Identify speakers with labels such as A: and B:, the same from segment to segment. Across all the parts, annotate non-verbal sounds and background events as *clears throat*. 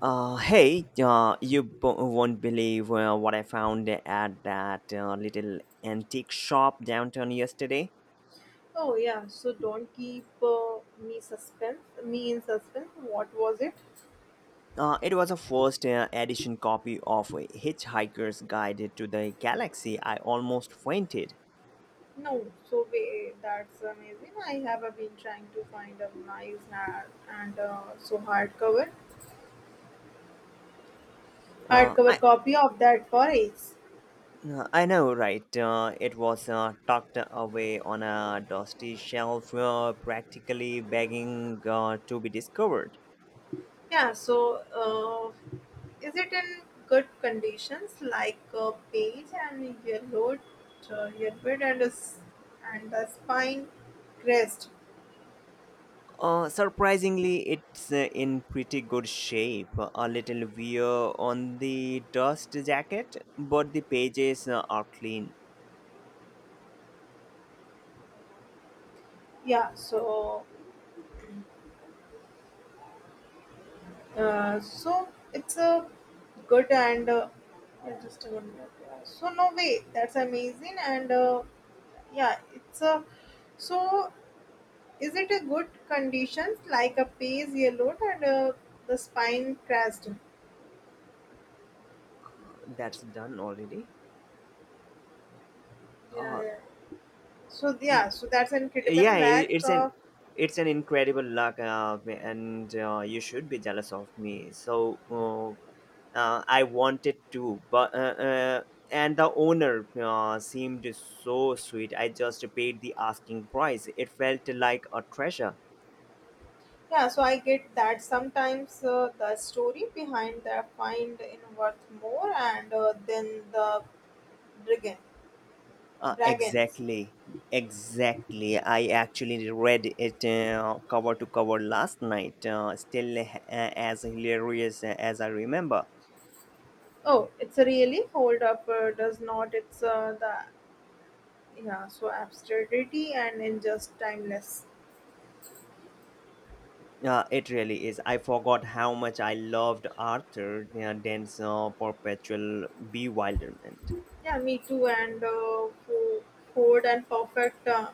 A: Hey, you won't believe what I found at that little antique shop downtown yesterday.
B: Oh yeah, so don't keep me suspense, me in suspense. What was it?
A: It was a first edition copy of Hitchhiker's Guide to the Galaxy. I almost fainted.
B: No, so wait, that's amazing. I have been trying to find a nice and so hardcover,
A: Uh, I
B: hardcover copy of that for ages.
A: I know, right? It was tucked away on a dusty shelf, practically begging to be discovered.
B: Yeah, so is it in good conditions, like a page and yellowed, yellowed and a s and the spine crest?
A: Surprisingly, it's in pretty good shape. A little wear on the dust jacket, but the pages are clean.
B: Yeah, so so it's a good and yeah, just a 1 minute. Yeah. So no way, that's amazing and yeah, it's a so is it a good conditions like a pays yellow and the spine crashed?
A: That's done already.
B: Yeah,
A: Uh,
B: yeah. So yeah, so that's an
A: yeah,
B: incredible lack of
A: it's an incredible luck, and you should be jealous of me. I wanted to, but and the owner seemed so sweet. I just paid the asking price. It felt like a treasure.
B: yeah. So I get that sometimes the story behind the find in worth more and then the dragon
A: Uh,
B: dragons.
A: exactly, exactly. I actually read it cover to cover last night. Still as hilarious as I remember.
B: Oh, it's a really hold up. Does not. It's the yeah so absurdity and in just timeless
A: It really is. I forgot how much I loved Arthur Dent's perpetual bewilderment.
B: yeah me too and forward and perfect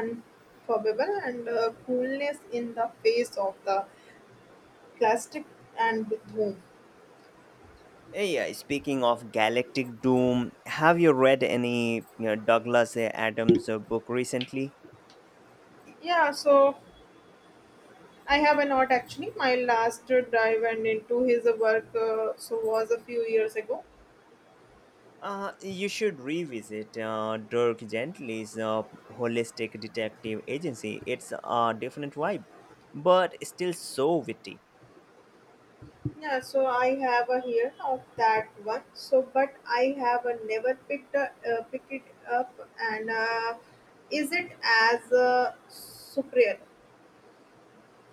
B: unforgivable and coolness in the face of the plastic and with whom
A: Yeah, speaking of galactic doom, have you read any Douglas Adams book recently?
B: yeah so I have a not actually my last dive and into his work so was a few years ago.
A: You should revisit Dirk Gently's Holistic Detective Agency. It's a different vibe, but still so witty.
B: Yeah, so I have a here of that one. So, but I have a never picked a, pick it up and is it as a superior?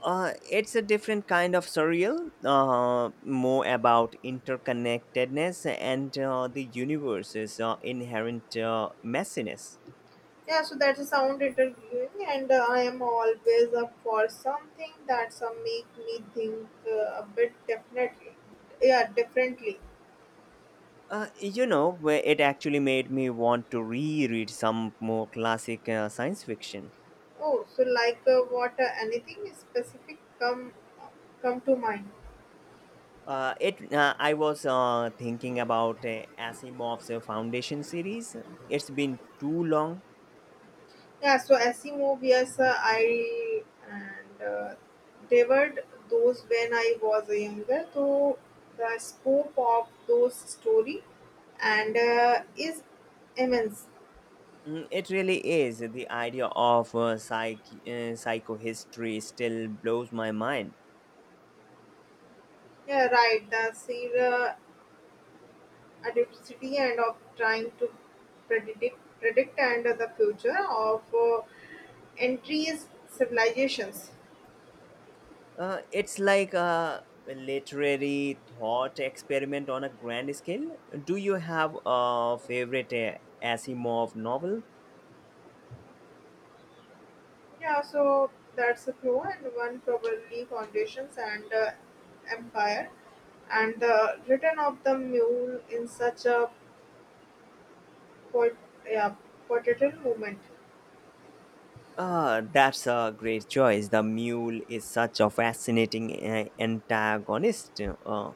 A: It's a different kind of surreal, more about interconnectedness and the universe's inherent messiness.
B: Yeah, so that's a sound interviewing, and I am always up for something that's make me think a bit definitely. Yeah, differently.
A: Where it actually made me want to reread some more classic science fiction.
B: Oh, so like what anything specific come to mind?
A: It I was thinking about Asimov's Foundation series. It's been too long.
B: Yeah, so Asimov, yes, I and devoured those when I was younger. So the scope of those story and is immense.
A: Mm, it really is. The idea of psychohistory still blows my mind.
B: Yeah, right. The sheer adversity and of trying to predict and the future of entries civilizations.
A: It's like a literary thought experiment on a grand scale. Do you have a favorite Asimov novel?
B: Yeah, so that's a pro and one probably foundations and empire and the return of the mule in such a pot, yeah, potential moment.
A: That's a great choice. The mule is such a fascinating antagonist. Uh,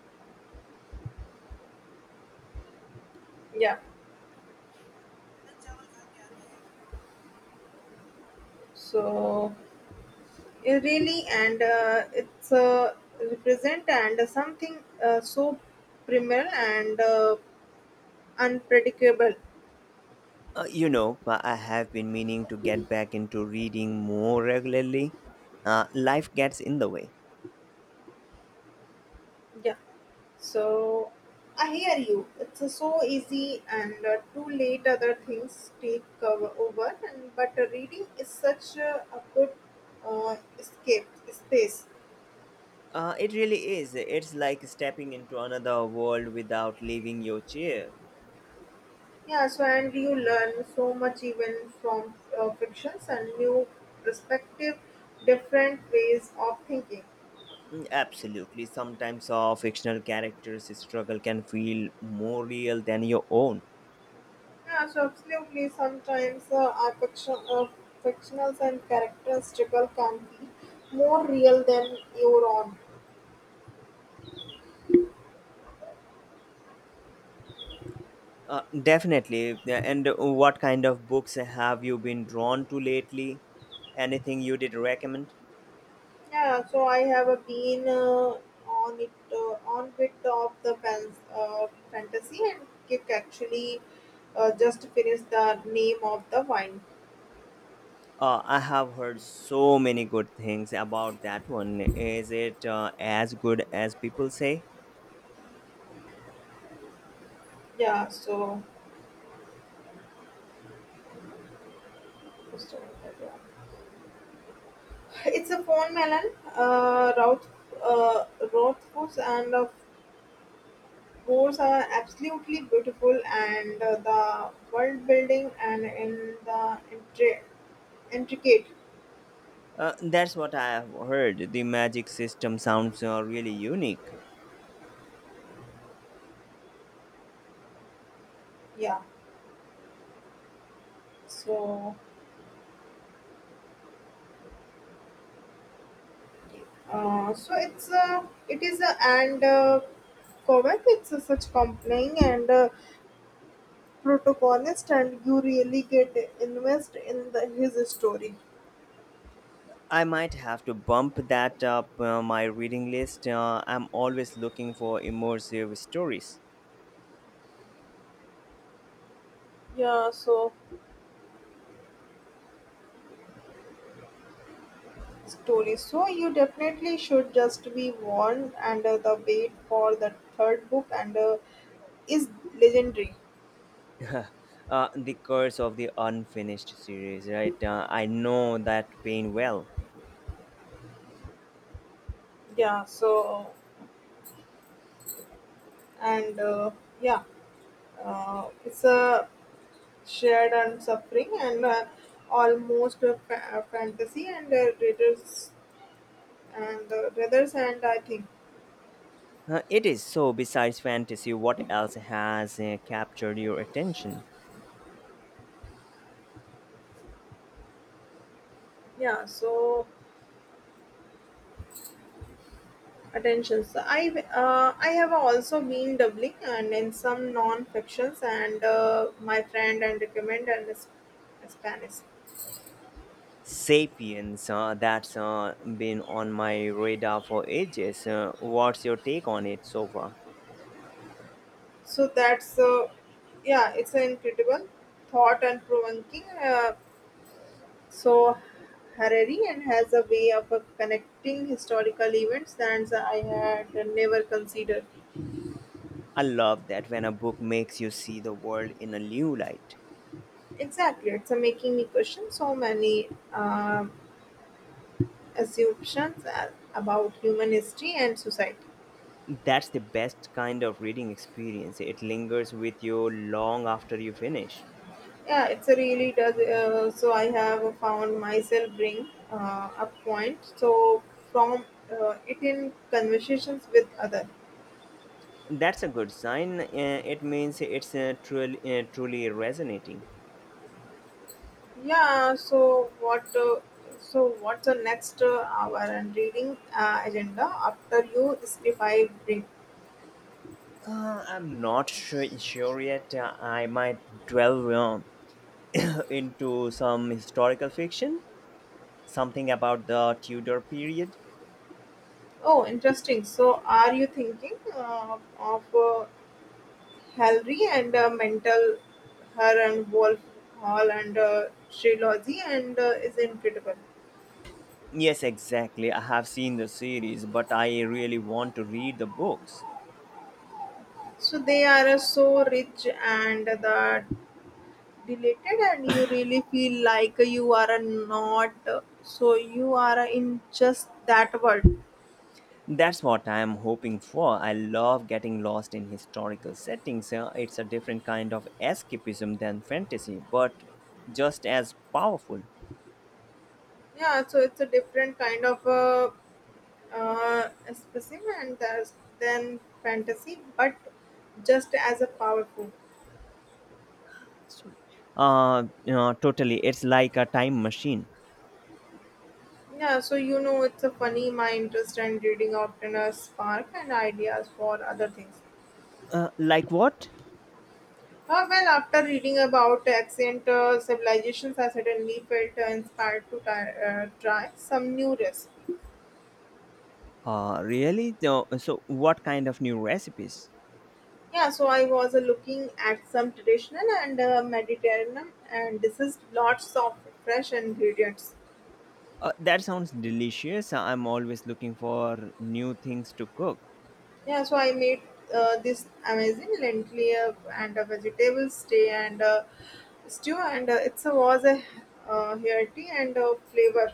B: Yeah, so it really and it's represent and something so primal and unpredictable.
A: I have been meaning to get back into reading more regularly. Life gets in the way.
B: Yeah. So I hear you. It's so easy, and too late other things take cover over. And but reading is such a good escape space.
A: It really is. It's like stepping into another world without leaving your chair.
B: Yeah. So and you learn so much even from fictions and new perspective, different ways of thinking.
A: Mm, absolutely. Sometimes our fictional characters' struggle can feel more real than your own.
B: Yeah. So absolutely. Sometimes our fiction, fictionals and characters struggle can be more real than your own.
A: Definitely. Yeah, and what kind of books have you been drawn to lately? Anything you did recommend?
B: Yeah, so I have been on it on bit of the fantasy and kick actually just finished the name of the wine.
A: I have heard so many good things about that one. Is it as good as people say?
B: Yeah, so just a minute, yeah. It's a phone melon, Roth, uh, Rothfuss, and of course are absolutely beautiful, and the world building and in the intricate.
A: That's what I have heard. The magic system sounds really unique.
B: Yeah, so. So it's it is and Kovac it's such compelling and protagonist and you really get invest in the, his story.
A: I might have to bump that up my reading list. I'm always looking for immersive stories.
B: Yeah so story so you definitely should just be warned and the wait for the third book and is legendary.
A: *laughs* The Curse of the Unfinished series, right? I know that pain well.
B: Yeah so and yeah it's a shared and suffering and almost a a fantasy and readers and the brothers and I think.
A: It is so, besides fantasy, what else has captured your attention?
B: Yeah so attention so I have also been doubling and in some non fictions and my friend and recommend and Spanish.
A: Sapiens, that's been on my radar for ages. What's your take on it so far?
B: So that's yeah it's an incredible thought and provoking so Harari and has a way of connecting historical events that I had never considered.
A: I love that when a book makes you see the world in a new light.
B: Exactly, it's making me question so many assumptions about human history and society.
A: That's the best kind of reading experience. It lingers with you long after you finish.
B: Yeah, it's a really does. So I have found myself bring a point. So from it in conversations with other.
A: That's a good sign. It means it's truly resonating.
B: Yeah. So what? So what's the next hour and reading agenda after you if I bring?
A: I'm not sure yet. I might delve *clears throat* into some historical fiction, something about the Tudor period?
B: Oh, interesting. So are you thinking of? Hallry and a mental her and Wolf Hall and a trilogy and is incredible.
A: Yes, exactly. I have seen the series, but I really want to read the books.
B: So they are so rich and the deleted and you really feel like you are not so you are in just that world.
A: That's what I am hoping for. I love getting lost in historical settings. It's a different kind of escapism than fantasy, but just as powerful.
B: Yeah, so it's a different kind of specimen than fantasy, but just as a powerful.
A: Sorry. Totally. It's like a time machine.
B: Yeah, so you know, it's a funny. My interest in reading often has spark and ideas for other things.
A: Like what?
B: Well, after reading about ancient civilizations, I suddenly felt inspired to try some new recipe.
A: Really? No, so, what kind of new recipes?
B: Yeah, so I was looking at some traditional and Mediterranean and this is lots of fresh ingredients.
A: That sounds delicious. I'm always looking for new things to cook.
B: Yeah, so I made this amazing lentil and a vegetable stew, and it was a hearty and flavor.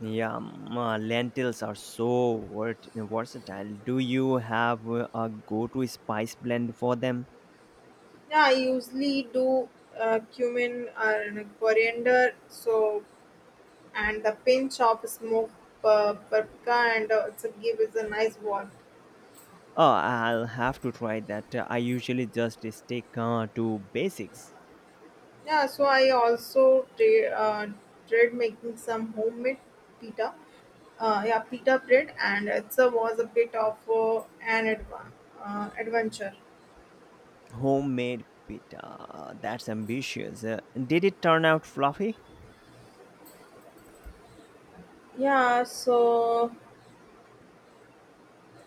A: Yeah, lentils are so versatile. Do you have a go to spice blend for them?
B: Yeah, I usually do cumin and coriander, so and the pinch of smoked paprika, and it's a give is a nice warmth.
A: Oh, I'll have to try that. I usually just stick to basics.
B: Yeah, so I also tried making some homemade pita. Yeah, pita bread, and it was a bit of an adventure.
A: Homemade pita. That's ambitious. Did it turn out fluffy?
B: Yeah, so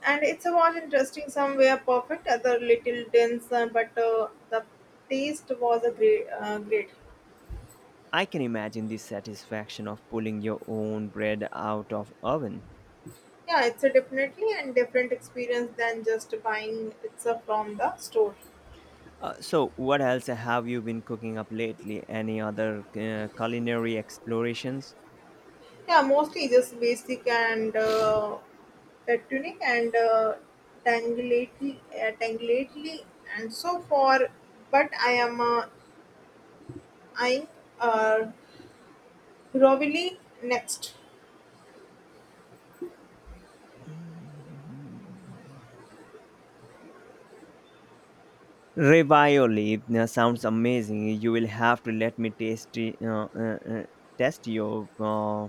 B: and it's a was interesting somewhere perfect, other little dense, but the taste was a great.
A: I can imagine the satisfaction of pulling your own bread out of oven.
B: Yeah, it's a definitely and different experience than just buying it's a from the store.
A: So, what else have you been cooking up lately? Any other culinary explorations?
B: Yeah, mostly just basic and tunic and tanglately, and so far. But I am I, uh, Rovilli next
A: Ravioli sounds amazing. You will have to let me taste it, test your uh,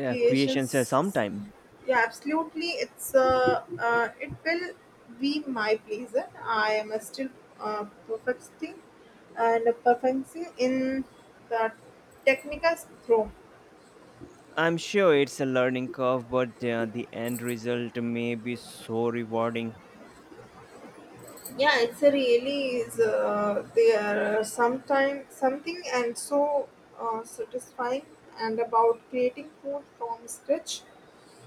A: uh, creations
B: creations.
A: sometime.
B: Yeah, absolutely. It's it will be my pleasure. I am still uh, perfecting perfecting in the technical room.
A: I'm sure it's a learning curve, but the end result may be so rewarding.
B: Yeah, it's a really is there are sometime something and so satisfying and about creating food from scratch.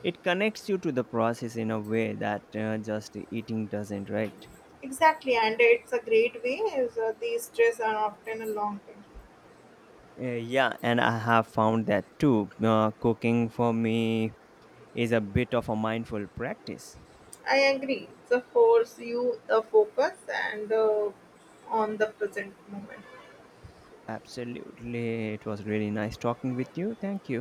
A: It connects you to the process in a way that just eating doesn't, right?
B: Exactly, and it's a great way. Is these stress are often a long thing.
A: Yeah, and I have found that too. Cooking for me is a bit of a mindful practice.
B: I agree. So force you the focus and on the present moment.
A: Absolutely. It was really nice talking with you. Thank you.